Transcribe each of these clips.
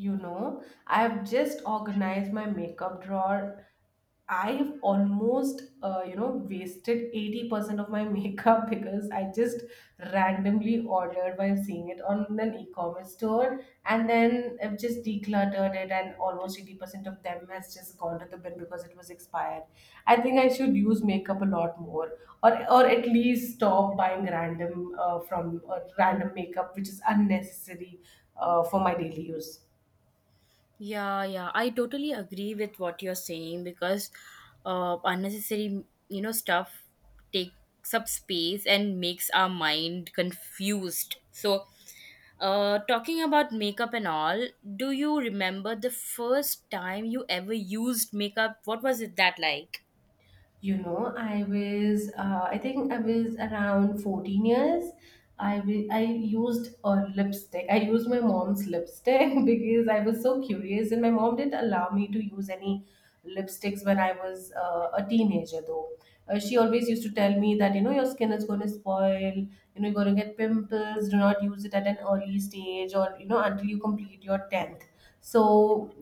You know, I have just organized my makeup drawer. I've almost, wasted 80% of my makeup because I just randomly ordered by seeing it on an e-commerce store, and then I've just decluttered it and almost 80% of them has just gone to the bin because it was expired. I think I should use makeup a lot more or at least stop buying random from random makeup which is unnecessary for my daily use. Yeah, yeah, I totally agree with what you're saying because unnecessary, stuff takes up space and makes our mind confused. So, talking about makeup and all, do you remember the first time you ever used makeup? What was it that like? You know, I was, I think I was around 14 years. I used a lipstick. I used my mom's lipstick because I was so curious, and my mom didn't allow me to use any lipsticks when I was a teenager, though. She always used to tell me that, you know, your skin is going to spoil, you know, you're going to get pimples. Do not use it at an early stage, or, you know, until you complete your 10th. So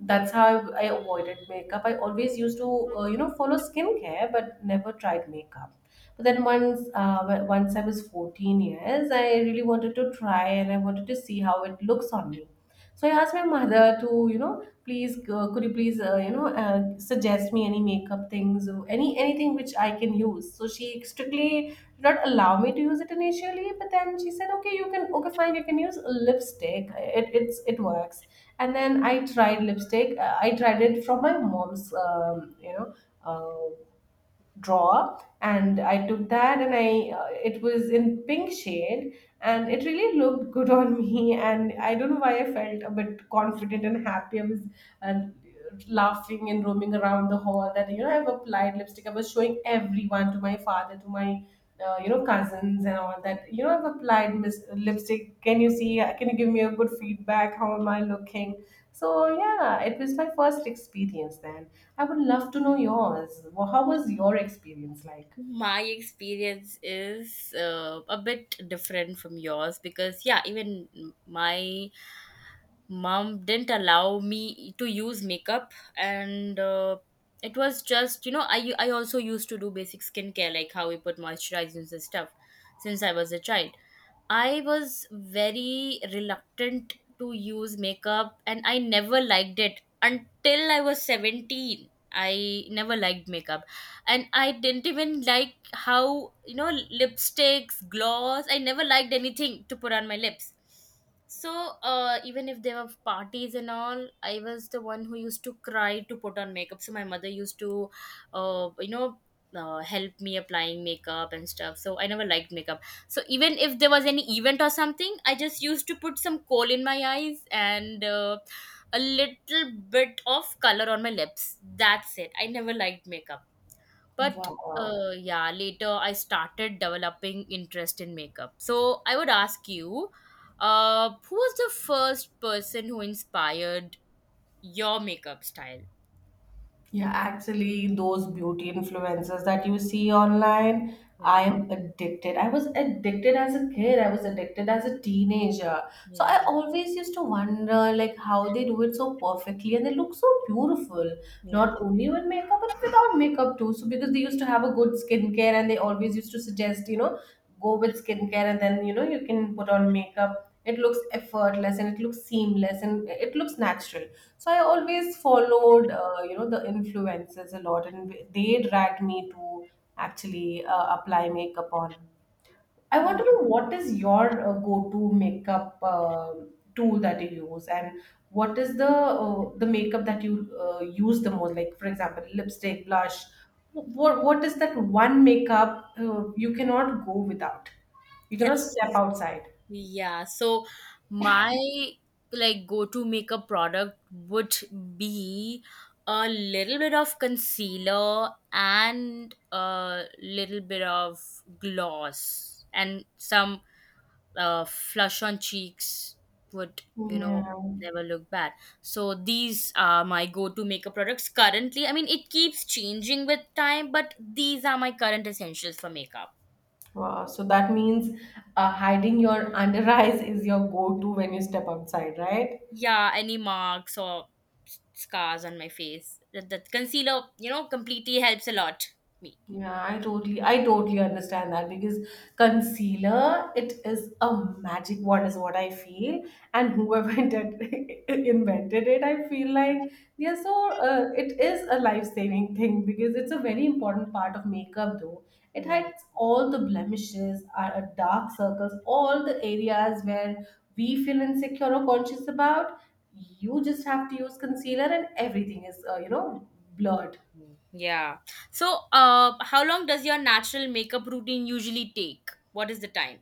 that's how I avoided makeup. I always used to, follow skincare, but never tried makeup. But then once I was 14 years, I really wanted to try, and I wanted to see how it looks on me. So I asked my mother to, you know, please, could you please, suggest me any makeup things, or anything which I can use. So she strictly did not allow me to use it initially, but then she said, okay, you can, okay, fine, you can use lipstick. It works. And then I tried lipstick. I tried it from my mom's uh, drawer, and I took that, and I it was in pink shade, and it really looked good on me. And I don't know why, I felt a bit confident and happy. I was, uh, laughing and roaming around the hall that, you know, I've applied lipstick. I was showing everyone, to my father, to my, cousins and all, that, you know, I've applied lipstick. Can you see? Can you give me a good feedback? How am I looking? So yeah, it was my first experience. Then I would love to know yours. How was your experience like? My experience is a bit different from yours because, yeah, even my mom didn't allow me to use makeup, and it was just I also used to do basic skincare like how we put moisturizers and stuff since I was a child. I was very reluctant to use makeup, and I never liked it until I was 17. I never liked makeup, and I didn't even like how lipsticks, gloss. I never liked anything to put on my lips. So even if there were parties and all, I was the one who used to cry to put on makeup. So my mother used to, uh, you know, help me applying makeup and stuff. So I never liked makeup. So even if there was any event or something, I just used to put some coal in my eyes and a little bit of color on my lips. That's it. I never liked makeup, but Wow. Wow. Yeah, later I started developing interest in makeup. So I would ask you, who was the first person who inspired your makeup style? Yeah, actually, those beauty influencers that you see online, Yeah. I am addicted. I was addicted as a kid, I was addicted as a teenager. So Yeah. I always used to wonder, like, how they do it so perfectly, and they look so beautiful, Yeah. not only with makeup, but without makeup too. So because they used to have a good skincare, and they always used to suggest, you know, go with skincare, and then, you know, you can put on makeup. It looks effortless, and it looks seamless, and it looks natural. So I always followed, the influences a lot, and they dragged me to actually apply makeup on. I want Mm. to know, what is your go-to makeup tool that you use, and what is the makeup that you use the most? Like, for example, lipstick, blush. What is that one makeup you cannot go without? You Yes. cannot step outside. Yeah, so my like go-to makeup product would be a little bit of concealer and a little bit of gloss and some flush on cheeks would, you know Yeah. never look bad. So these are my go-to makeup products currently. I mean, it keeps changing with time, but these are my current essentials for makeup. Wow. So that means, hiding your under eyes is your go-to when you step outside, right? Yeah, any marks or scars on my face, that concealer completely helps a lot me. Yeah, I totally understand that because concealer, it is a magic wand is what I feel. And whoever invented it, I feel like they are so. It is a life saving thing because it's a very important part of makeup, though. It Mhm. hides all the blemishes, our dark circles, all the areas where we feel insecure or conscious about. You just have to use concealer, and everything is, blurred. Yeah, so how long does your natural makeup routine usually take? What is the time?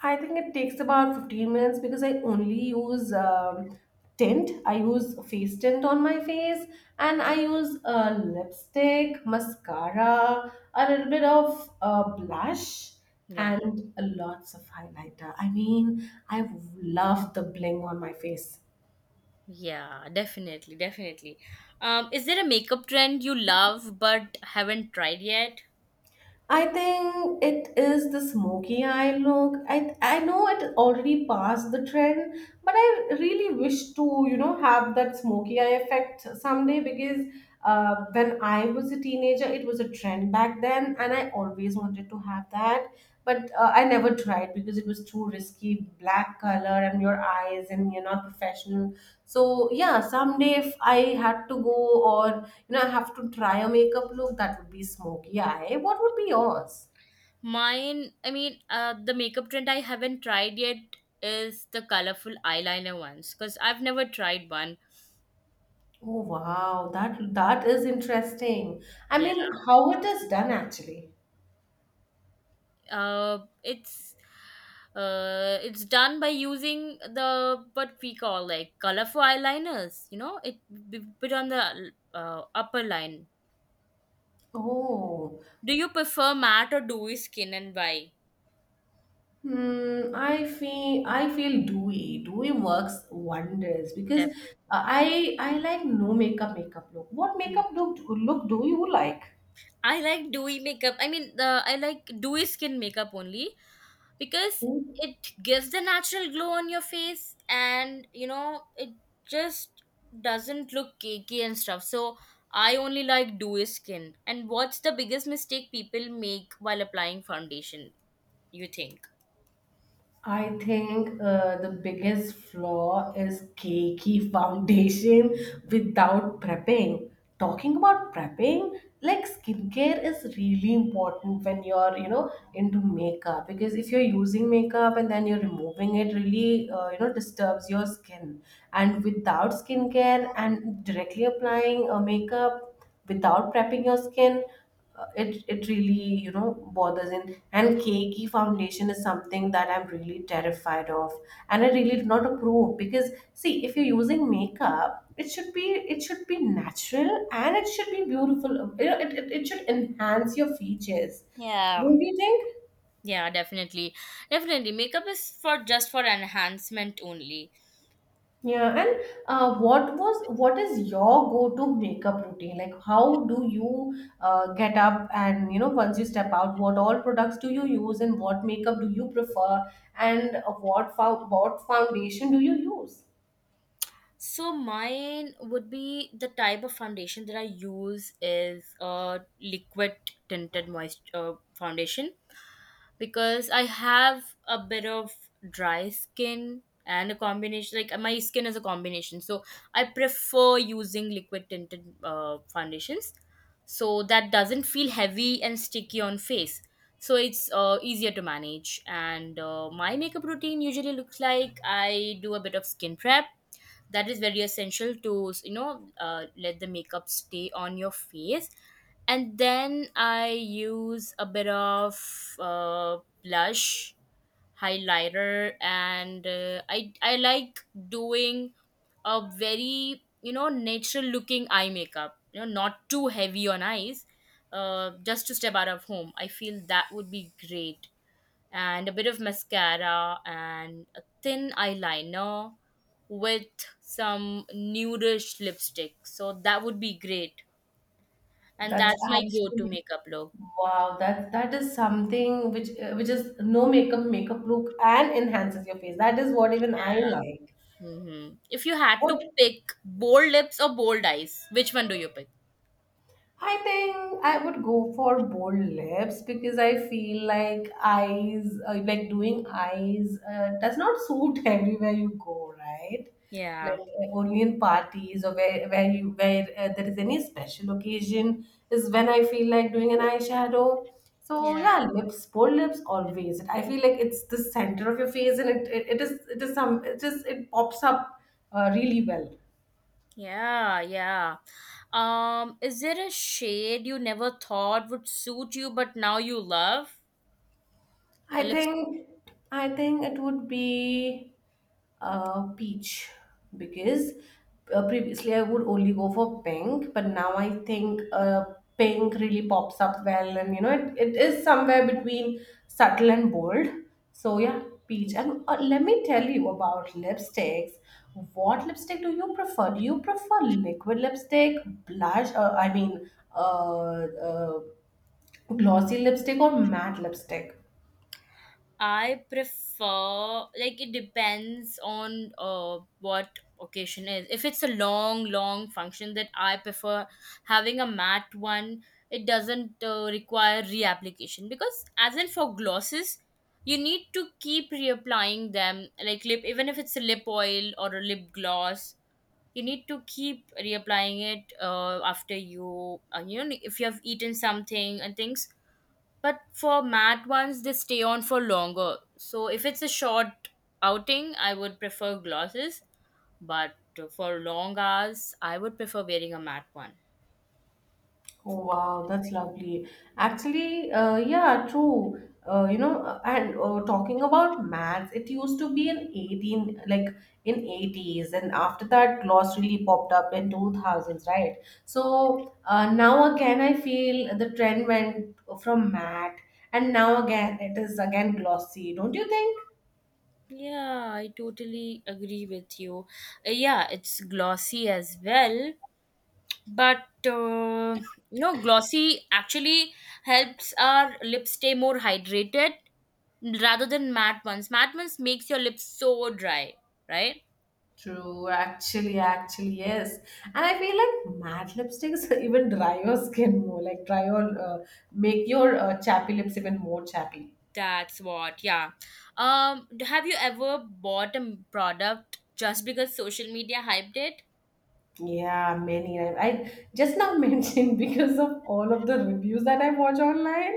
I think it takes about 15 minutes because I only use tint. I use face tint on my face, and I use lipstick, mascara, a little bit of blush, Yeah. and lots of highlighter. I mean, I love the bling on my face. Yeah, definitely, definitely. Is there a makeup trend you love but haven't tried yet? I think it is the smoky eye look. I know it already passed the trend, but I really wish to, you know, have that smoky eye effect someday because, when I was a teenager, it was a trend back then, and I always wanted to have that. But I never tried because it was too risky, black color and your eyes, and you're not professional. So yeah, someday if I had to go, or, you know, I have to try a makeup look, that would be smoky eye. What would be yours? Mine, I mean, the makeup trend I haven't tried yet is the colorful eyeliner ones because I've never tried one. Oh wow, that is interesting. I Yeah. mean, how it is done actually. It's it's done by using the what we call like colorful eyeliners. You know, it put on the upper line. Oh. Do you prefer matte or dewy skin, and why? Hmm, I feel dewy. Dewy works wonders because, Definitely. I like no makeup makeup look. What makeup look do you like? I like dewy makeup. I mean, the I like dewy skin makeup only because it gives the natural glow on your face, and you know it just doesn't look cakey and stuff. So I only like dewy skin. And what's the biggest mistake people make while applying foundation? You think? I think the biggest flaw is cakey foundation without prepping. Talking about prepping, like skincare is really important when you're, you know, into makeup, because if you're using makeup and then you're removing it, really, disturbs your skin. And without skincare and directly applying makeup, without prepping your skin, it really, you know, bothers in. And cakey foundation is something that I'm really terrified of, and I really do not approve, because, see, if you're using makeup, it should be natural, and it should be beautiful. You know, it should enhance your features. Yeah. Don't you think? Yeah, definitely, definitely. Makeup is for just for enhancement only. Yeah, and what is your go-to makeup routine? Like, how do you, get up, and, you know, once you step out, what all products do you use, and what makeup do you prefer, and what foundation do you use? So mine would be the type of foundation that I use is a liquid tinted moist foundation because I have a bit of dry skin and a combination. Like, my skin is a combination. So I prefer using liquid tinted foundations so that doesn't feel heavy and sticky on face. So it's easier to manage, and my makeup routine usually looks like I do a bit of skin prep. That is very essential to you know let the makeup stay on your face. And then I use a bit of uh, blush, highlighter, and I like doing a very you know natural looking eye makeup. You know, not too heavy on eyes, just to step out of home. I feel that would be great. And a bit of mascara and a thin eyeliner with some nudish lipstick. So that would be great. And That's that's my go to absolutely makeup look. wow. That is something which, which is no makeup makeup look and enhances your face. That is what even I like. Hmm. If you had to What? pick bold lips or bold eyes, which one do you pick? I think I would go for bold lips because I feel like eyes, like doing eyes, does not suit everywhere you go, right? Like, Yeah. Only in parties, or where there is any special occasion, is when I feel like doing an eyeshadow. So Yeah. yeah, lips, bold lips always. I feel like it's the center of your face, and it, it is some it is it pops up, really well. Yeah. Yeah. Is there a shade you never thought would suit you but now you love? I A lipstick. think I think it would be, peach, because, previously I would only go for pink, but now I think, pink really pops up well, and, you know, it is somewhere between subtle and bold. So yeah, peach. And let me tell you about lipsticks. What lipstick do you prefer? Do you prefer liquid lipstick, blush? Uh, uh, glossy lipstick or matte lipstick? I prefer, like, it depends on what occasion is. If it's a long, long function, that I prefer having a matte one. It doesn't require reapplication because as in for glosses, you need to keep reapplying them. Like lip, even if it's a lip oil or a lip gloss, you need to keep reapplying it after you, you know, if you have eaten something and things. But for matte ones, they stay on for longer. So if it's a short outing, I would prefer glosses. But for long hours, I would prefer wearing a matte one. Oh wow, that's lovely. Actually, yeah, true. You know, and talking about maths, it used to be in 18, like in 80s, and after that, gloss really popped up in 2000s, right? So now again, I feel the trend went from math, and now again, it is again glossy, don't you think? Yeah, I totally agree with you. Yeah, it's glossy as well. But uh, you know, glossy actually helps our lips stay more hydrated rather than matte ones. Matte ones makes your lips so dry, right? True, actually, yes. And I feel like matte lipsticks even dry your skin more, like dry your, make your chappy lips even more chappy. That's what, yeah. Have you ever bought a product just because social media hyped it? Yeah, many. I just now mentioned because of all of the reviews that I watch online.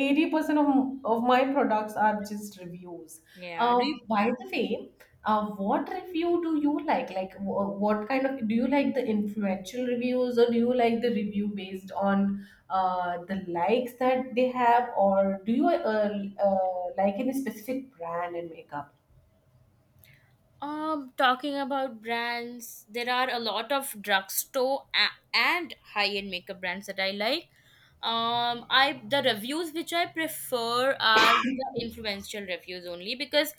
80% of my products are just reviews. Yeah. Do you, By the way, what review do you like? Like, what kind of, do you like the influential reviews, or do you like the review based on, the likes that they have, or do you like any specific brand and makeup? um, talking about brands? There are a lot of drugstore and high-end makeup brands that I like. I the reviews which I prefer are the influential reviews only because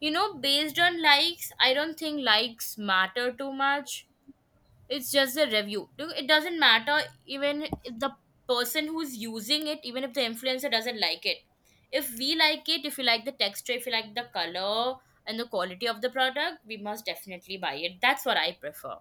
you know based on likes, I don't think likes matter too much. It's just a review. It doesn't matter even if the person who's using it, even if the influencer doesn't like it, if we like it, if you like the texture, if you like the color and the quality of the product, we must definitely buy it. That's what I prefer.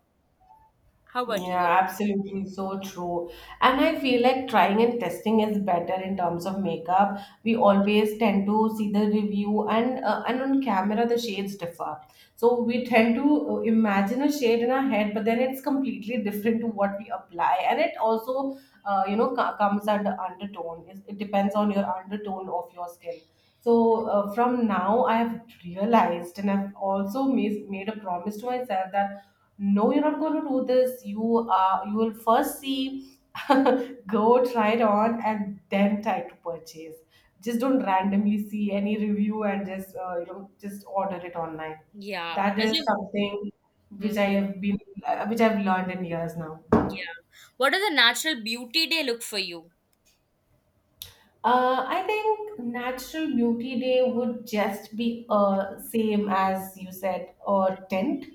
How about you? Yeah, absolutely. So true. And I feel like trying and testing is better in terms of makeup. We always tend to see the review, and, and on camera the shades differ. So we tend to, imagine a shade in our head, but then it's completely different to what we apply. And it also, comes under undertone. It depends on your undertone of your skin. So from now, I have realized, and I've also made a promise to myself that, no, you're not going to do this. You are. You will first see, go try it on, and then try to purchase. Just don't randomly see any review, and just, just order it online. Yeah, That does is you. something which I Mhm. have been, which I've learned in years now. Yeah, what does a natural beauty day look for you? I think Natural Beauty Day would just be, same as you said, a tint,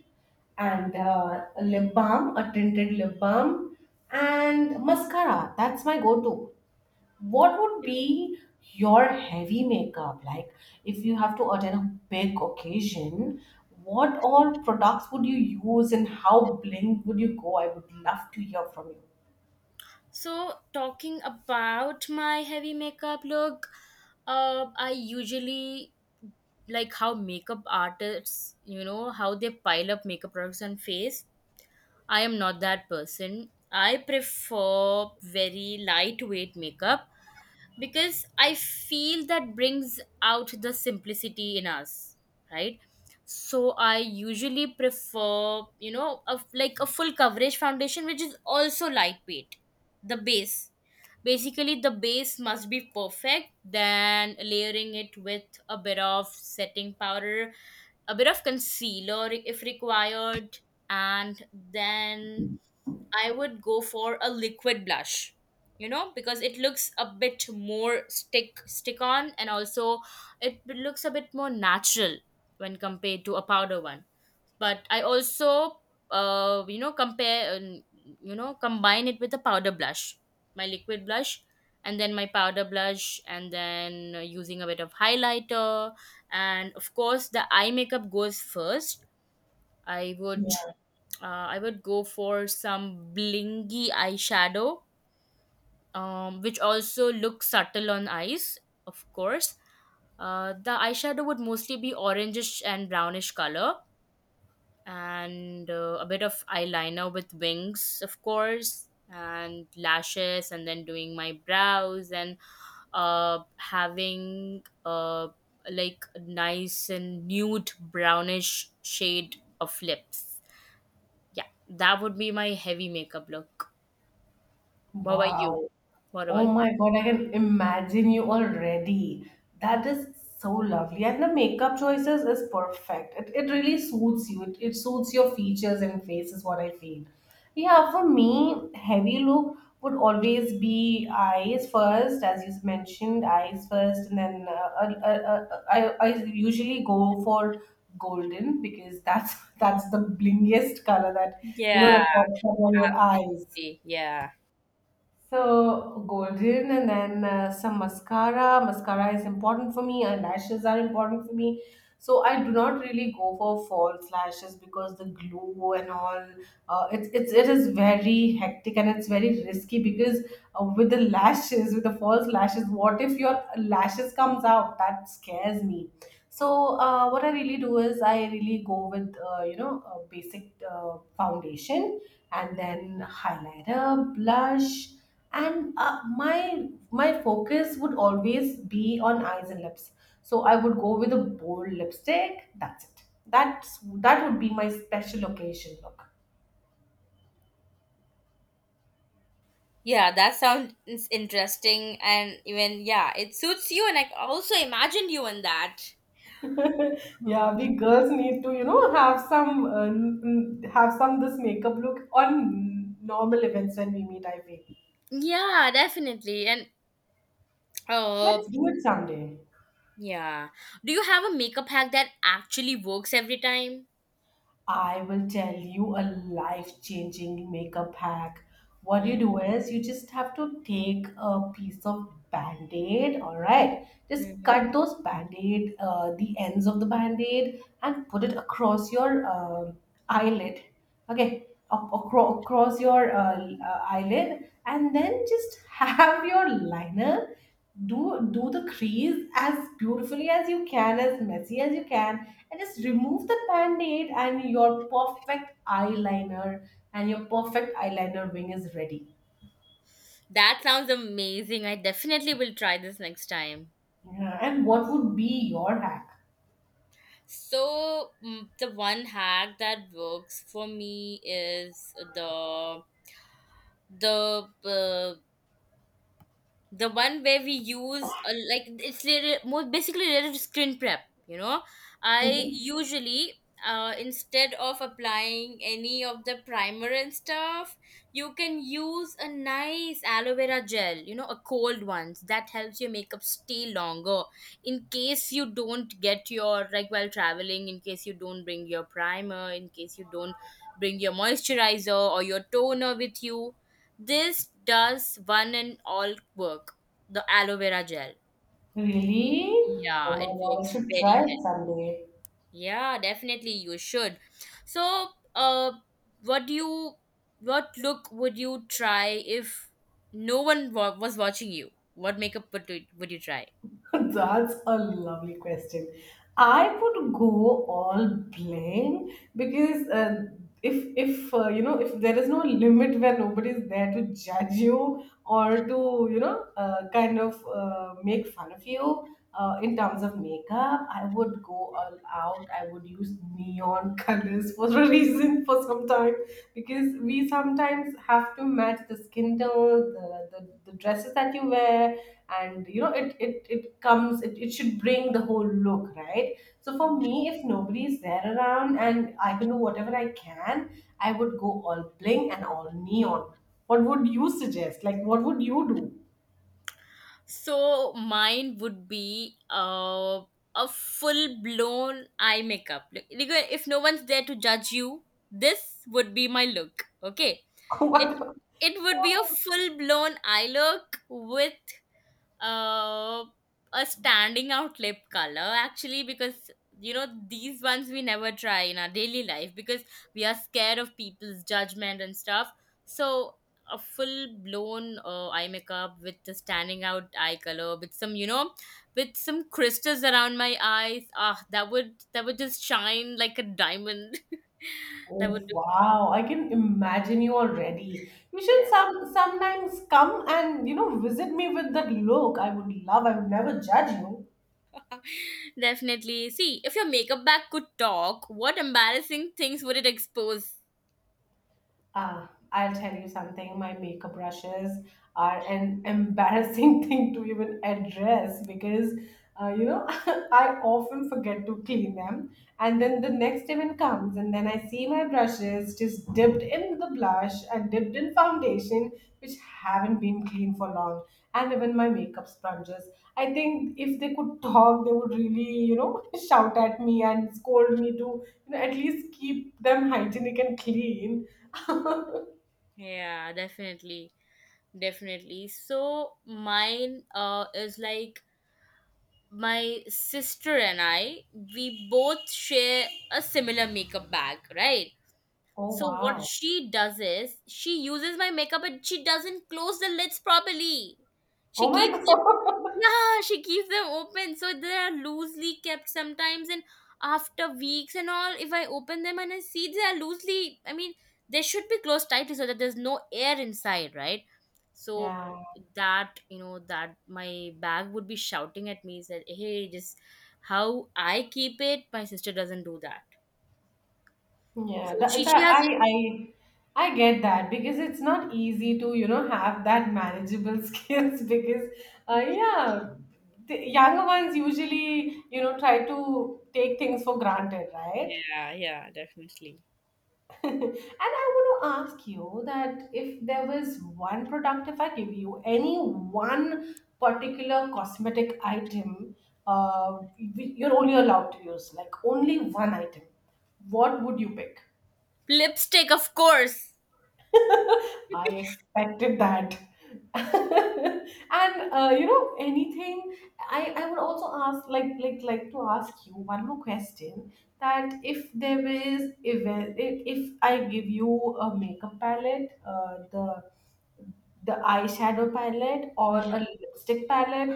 and a lip balm, a tinted lip balm, and mascara. That's my go-to. What would be your heavy makeup like if you have to attend a big occasion? What all products would you use, and how bling would you go? I would love to hear from you. So, talking about my heavy makeup look, I usually like how makeup artists you know how they pile up makeup products on face. I am not that person. I prefer very lightweight makeup because I feel that brings out the simplicity in us, right? So I usually prefer you know a, like a full coverage foundation which is also lightweight. The base, basically the base must be perfect. Then layering it with a bit of setting powder, a bit of concealer if required, and then I would go for a liquid blush, you know, because it looks a bit more stick on, and also it looks a bit more natural when compared to a powder one. But I also you know compare, you know, combine it with a powder blush, my liquid blush and then my powder blush, and then using a bit of highlighter. And of course the eye makeup goes first. I would I would go for some blingy eyeshadow, which also looks subtle on eyes, of course. The eyeshadow would mostly be orangish and brownish color, and a bit of eyeliner with wings, of course, and lashes, and then doing my brows and having like a nice and nude brownish shade of lips. Yeah, that would be my heavy makeup look. What about you? Wow. What Oh about you? my God, I can imagine you already. That is so lovely. And the makeup choices is perfect. It really suits you. It suits your features and face is what I feel. Yeah, for me, heavy look would always be eyes first, as you mentioned, eyes first, and then I usually go for golden because that's that's the blingiest color that you know Yeah, that pops up on your eyes. absolutely. Yeah. So golden and then some mascara. Mascara is important for me. Eyelashes are important for me. So I do not really go for false lashes because the glue and all. It's it is very hectic and it's very risky because with the lashes, with the false lashes, what if your lashes comes out? That scares me, so what I really do is I really go with you know, a basic foundation and then highlighter, blush, and my focus would always be on eyes and lips. So I would go with a bold lipstick. That's it. that's that would be my special occasion look. Yeah, that sounds interesting, and even yeah, it suits you, and I also imagined you in that. Mhm. Yeah, we girls need to, you know, have some have some this makeup look on normal events when we meet, I feel. Yeah, definitely. And uh, Let's do it someday. yeah. Do you have a makeup hack that actually works every time? I will tell you a life changing makeup hack. What you Mhm. do is you just have to take a piece of band aid, all right? Just Mhm. cut those band aid, the ends of the band aid, and put it across your eyelid, okay? Across your eyelid, and then just have your liner do the crease as beautifully as you can, as messy as you can, and just remove the band-aid, and your perfect eyeliner, and your perfect eyeliner wing is ready. That sounds amazing. I definitely will try this next time. Yeah. And what would be your hack? So, mm, the one hack that works for me is the uh, the one where we use like it's little, more basically related to screen prep, you know. I Mhm. usually, instead of applying any of the primer and stuff, you can use a nice aloe vera gel, you know, a cold one that helps your makeup stay longer. In case you don't get your, like, while traveling, in case you don't bring your primer, in case you don't bring your moisturizer or your toner with you, this does one and all work. The aloe vera gel. Really? Oh Yeah, my it God, I works should try very it well. someday. Yeah, definitely you should. So, uh, what do you, what look would you try if no one was watching you? What makeup would you try? That's a lovely question. I would go all blank because if you know, if there is no limit where nobody is there to judge you or to, you know, kind of make fun of you in terms of makeup, I would go all out. I would use neon colors for a reason for some time, because we sometimes have to match the skin tone, the dresses that you wear. And you know, it should bring the whole look, right? So for me, if nobody is there around and I can do whatever I can, I would go all bling and all neon. What would you suggest, like what would you do? So mine would be a full blown eye makeup. Like, if no one's there to judge you, this would be my look. Okay. it What? it would be a full blown eye look with uh, a standing out lip color, actually, because you know these ones we never try in our daily life because we are scared of people's judgment and stuff. So a full blown eye makeup with the standing out eye color, with some you know, with some crystals around my eyes, ah, that would, that would just shine like a diamond that Oh, would look. wow, I can imagine you already. You should some sometimes come and, you know, visit me with that look. I would love, I would never judge you. Definitely. See, if your makeup bag could talk, what embarrassing things would it expose? Ah, I'll tell you something, my makeup brushes are an embarrassing thing to even address because, you know, I often forget to clean them. And then the next day when comes, and then I see my brushes just dipped in the blush and dipped in foundation, which haven't been clean for long. And even my makeup sponges. I think if they could talk, they would really, you know, shout at me and scold me to, you know, at least keep them hygienic and clean. Yeah, definitely. Definitely. So mine is like, my sister and I, we both share a similar makeup bag, right? Oh, So what wow. she does is she uses my makeup and she doesn't close the lids properly. Oh She my keeps it, God. yeah, she keeps them open. So they are loosely kept sometimes and after weeks and all, if I open them and I see they are loosely, I mean, they should be closed tightly so that there's no air inside, right? So Yeah. that, that my bag would be shouting at me, said, "Hey, just how I keep it, my sister doesn't do that." Yeah. So she, That, she that has. I I I get that because it's not easy to, you know, have that manageable skills because yeah, the younger ones usually, you know, try to take things for granted, right? Yeah, yeah, definitely. And I want to ask you that if there was one product, if I give you any one particular cosmetic item, uh, you're only allowed to use like only one item, what would you pick? Lipstick, of course. I expected that. And you know, anything, I would also ask like to ask you one more question, that if there is event, if I give you a makeup palette, the eyeshadow palette or Mhm. a lipstick palette,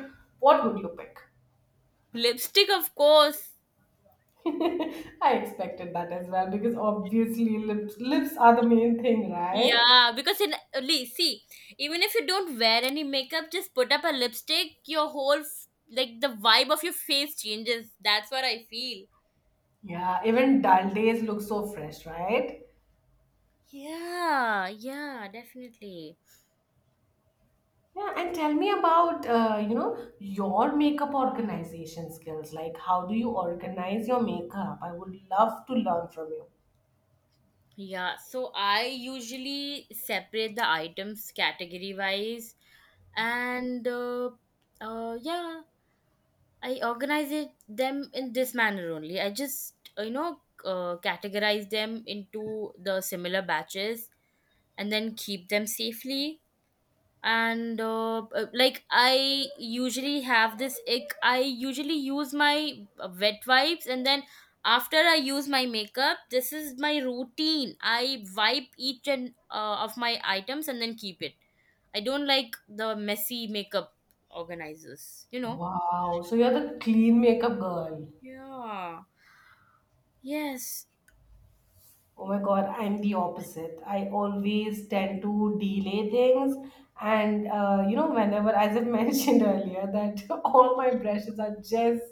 what would you pick? Lipstick, of course. I expected that as well, because obviously lips are the main thing, right? Yeah, because in only see, even if you don't wear any makeup, just put up a lipstick, your like the vibe of your face changes. That's what I feel. Yeah, even dull days look so fresh, right? Yeah, yeah, definitely. Yeah, and tell me about, you know, your makeup organization skills. Like, how do you organize your makeup? I would love to learn from you. Yeah, so I usually separate the items category wise, and uh, yeah, I organize it, them in this manner only. I just categorize them into the similar batches and then keep them safely. And like I usually have this ick. I usually use my wet wipes and then after I use my makeup, this is my routine. I wipe each and of my items and then keep it. I don't like the messy makeup organizers. You know. Wow, so you're the clean makeup girl. Yeah. Yes. Oh my God, I'm the opposite. I always tend to delay things. And, you know, whenever, as I mentioned earlier, that all my brushes are just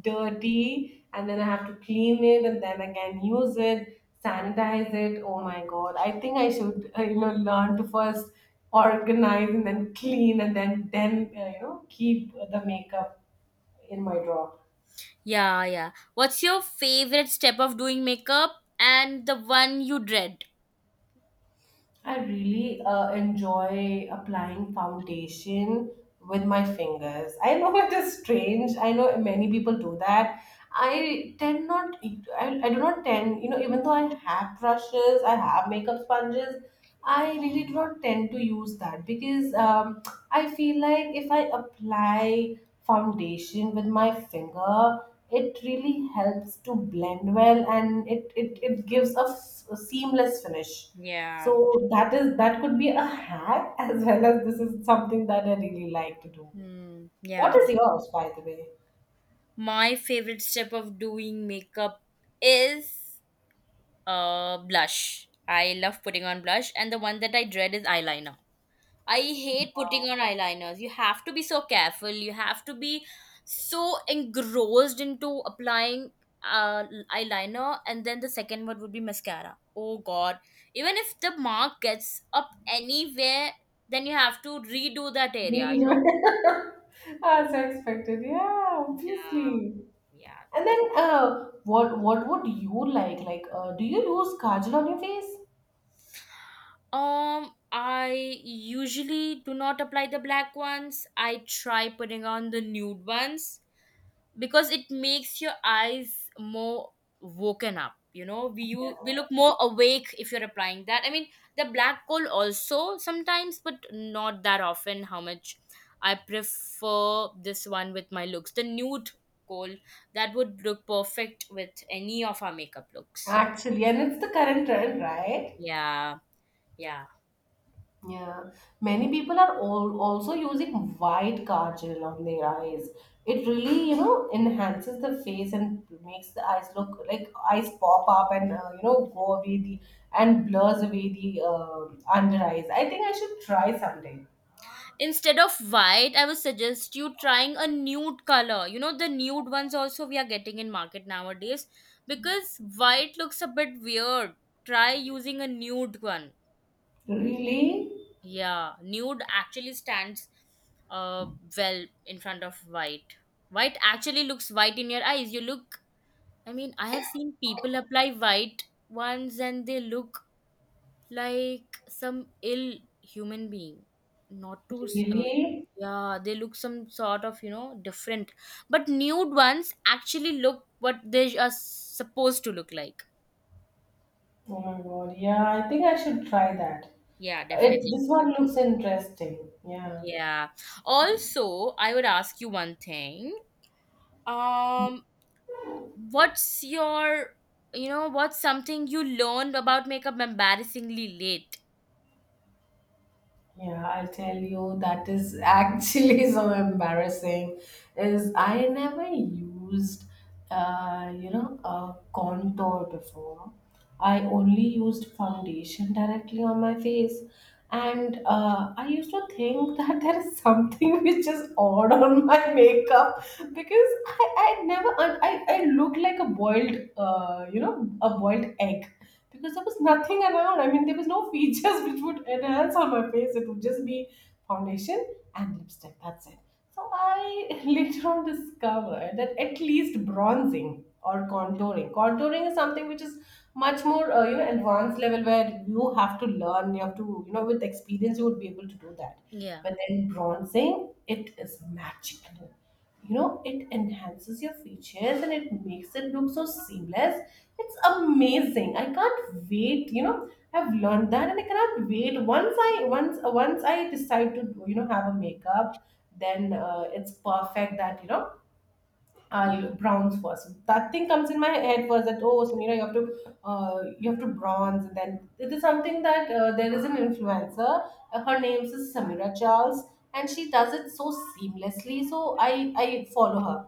dirty, and then I have to clean it and then again use it, sanitize it. Oh my God, I think I should, you know, learn to first organize and then clean and then you know, keep the makeup in my drawer. Yeah, yeah. What's your favorite step of doing makeup and the one you dread? I really enjoy applying foundation with my fingers. I know it is strange. I know many people do that. I tend not, I do not tend, you know, even though I have brushes, I have makeup sponges, I really do not tend to use that because I feel like if I apply foundation with my finger, it really helps to blend well, and it gives a a seamless finish. Yeah. So that is, that could be a hack as well as this is something that I really like to do. Hmm. What Yeah. is yours, by the way? My favorite step of doing makeup is blush. I love putting on blush, and the one that I dread is eyeliner. I hate putting on eyeliners. You have to be so careful. You have to be so engrossed into applying uh, eyeliner, and then the second word would be mascara. Oh God! Even if the mark gets up anywhere, then you have to redo that area. You know? Oh, As expected, yeah, yeah, obviously. yeah. And then, what would you like? Like, do you use kajal on your face? I usually do not apply the black ones. I try putting on the nude ones because it makes your eyes more woken up. You know, we Yeah. you we look more awake if you're applying that. I mean, the black coal also sometimes, but not that often. How much I prefer this one with my looks, the nude coal, that would look perfect with any of our makeup looks. Actually, and it's the current trend, right? Yeah, yeah. Yeah, many people are all also using white kajal on their eyes. It really, you know, enhances the face and makes the eyes look like eyes pop up, and you know, go away the, and blurs away the under eyes. I think I should try someday. Instead of white, I would suggest you trying a nude color. You know, the nude ones also we are getting in market nowadays because white looks a bit weird. Try using a nude one. Really, Yeah, nude actually stands uh well in front of white. White actually looks white in your eyes. You look, I mean, I have seen people apply white ones and they look like some ill human being. Not too s- really. yeah, they look some sort of, you know, different, but nude ones actually look what they are supposed to look like. Oh my God! Yeah, I think I should try that. Yeah, It definitely. this one looks interesting. Yeah. Yeah, also I would ask you one thing. um what's your, you know, what's something you learned about makeup embarrassingly late? Yeah, I'll tell you that is actually so embarrassing. Is I never used, you know, a contour before. I only used foundation directly on my face, and I used to think that there is something which is odd on my makeup because I never I I look like a boiled you know, a boiled egg, because there was nothing around. I mean, there was no features which would enhance on my face. It would just be foundation and lipstick. That's it. So I later on discovered that at least bronzing or contouring. Contouring is something which is much more, you know, advanced level where you have to learn. You have to, you know, with experience you would be able to do that. Yeah. But then bronzing, it is magical. You know, it enhances your features and it makes it look so seamless. It's amazing. I can't wait. You know, I've learned that and I cannot wait. Once I decide to, you know, have a makeup, then it's perfect that, you know, I'll bronze first. That thing comes in my head first, that oh Samira, you have to, you have to bronze. And then it is something that, there is an influencer. Her name is Samira Charles, and she does it so seamlessly. So I follow her.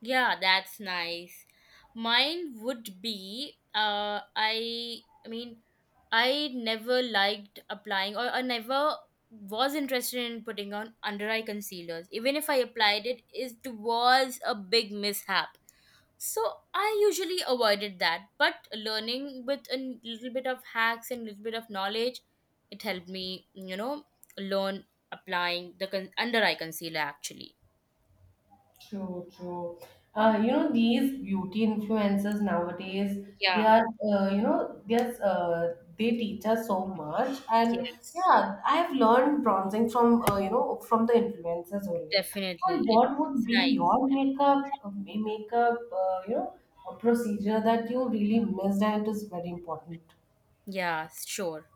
Yeah, that's nice. Mine would be I mean I never liked applying, or I never was interested in putting on under eye concealers. Even if I applied it, it was a big mishap. So I usually avoided that. But learning with a little bit of hacks and little bit of knowledge, it helped me, you know, learn applying the under eye concealer actually. True, true. You know, these beauty influencers nowadays, they Yeah, are, you know, there's, they teach us so much. And yes. yeah, I have learned bronzing from, you know, from the influencers only. Definitely. And It, what it's would be nice. your makeup, makeup, you know, a procedure that you really missed and it is very important? Yeah, sure.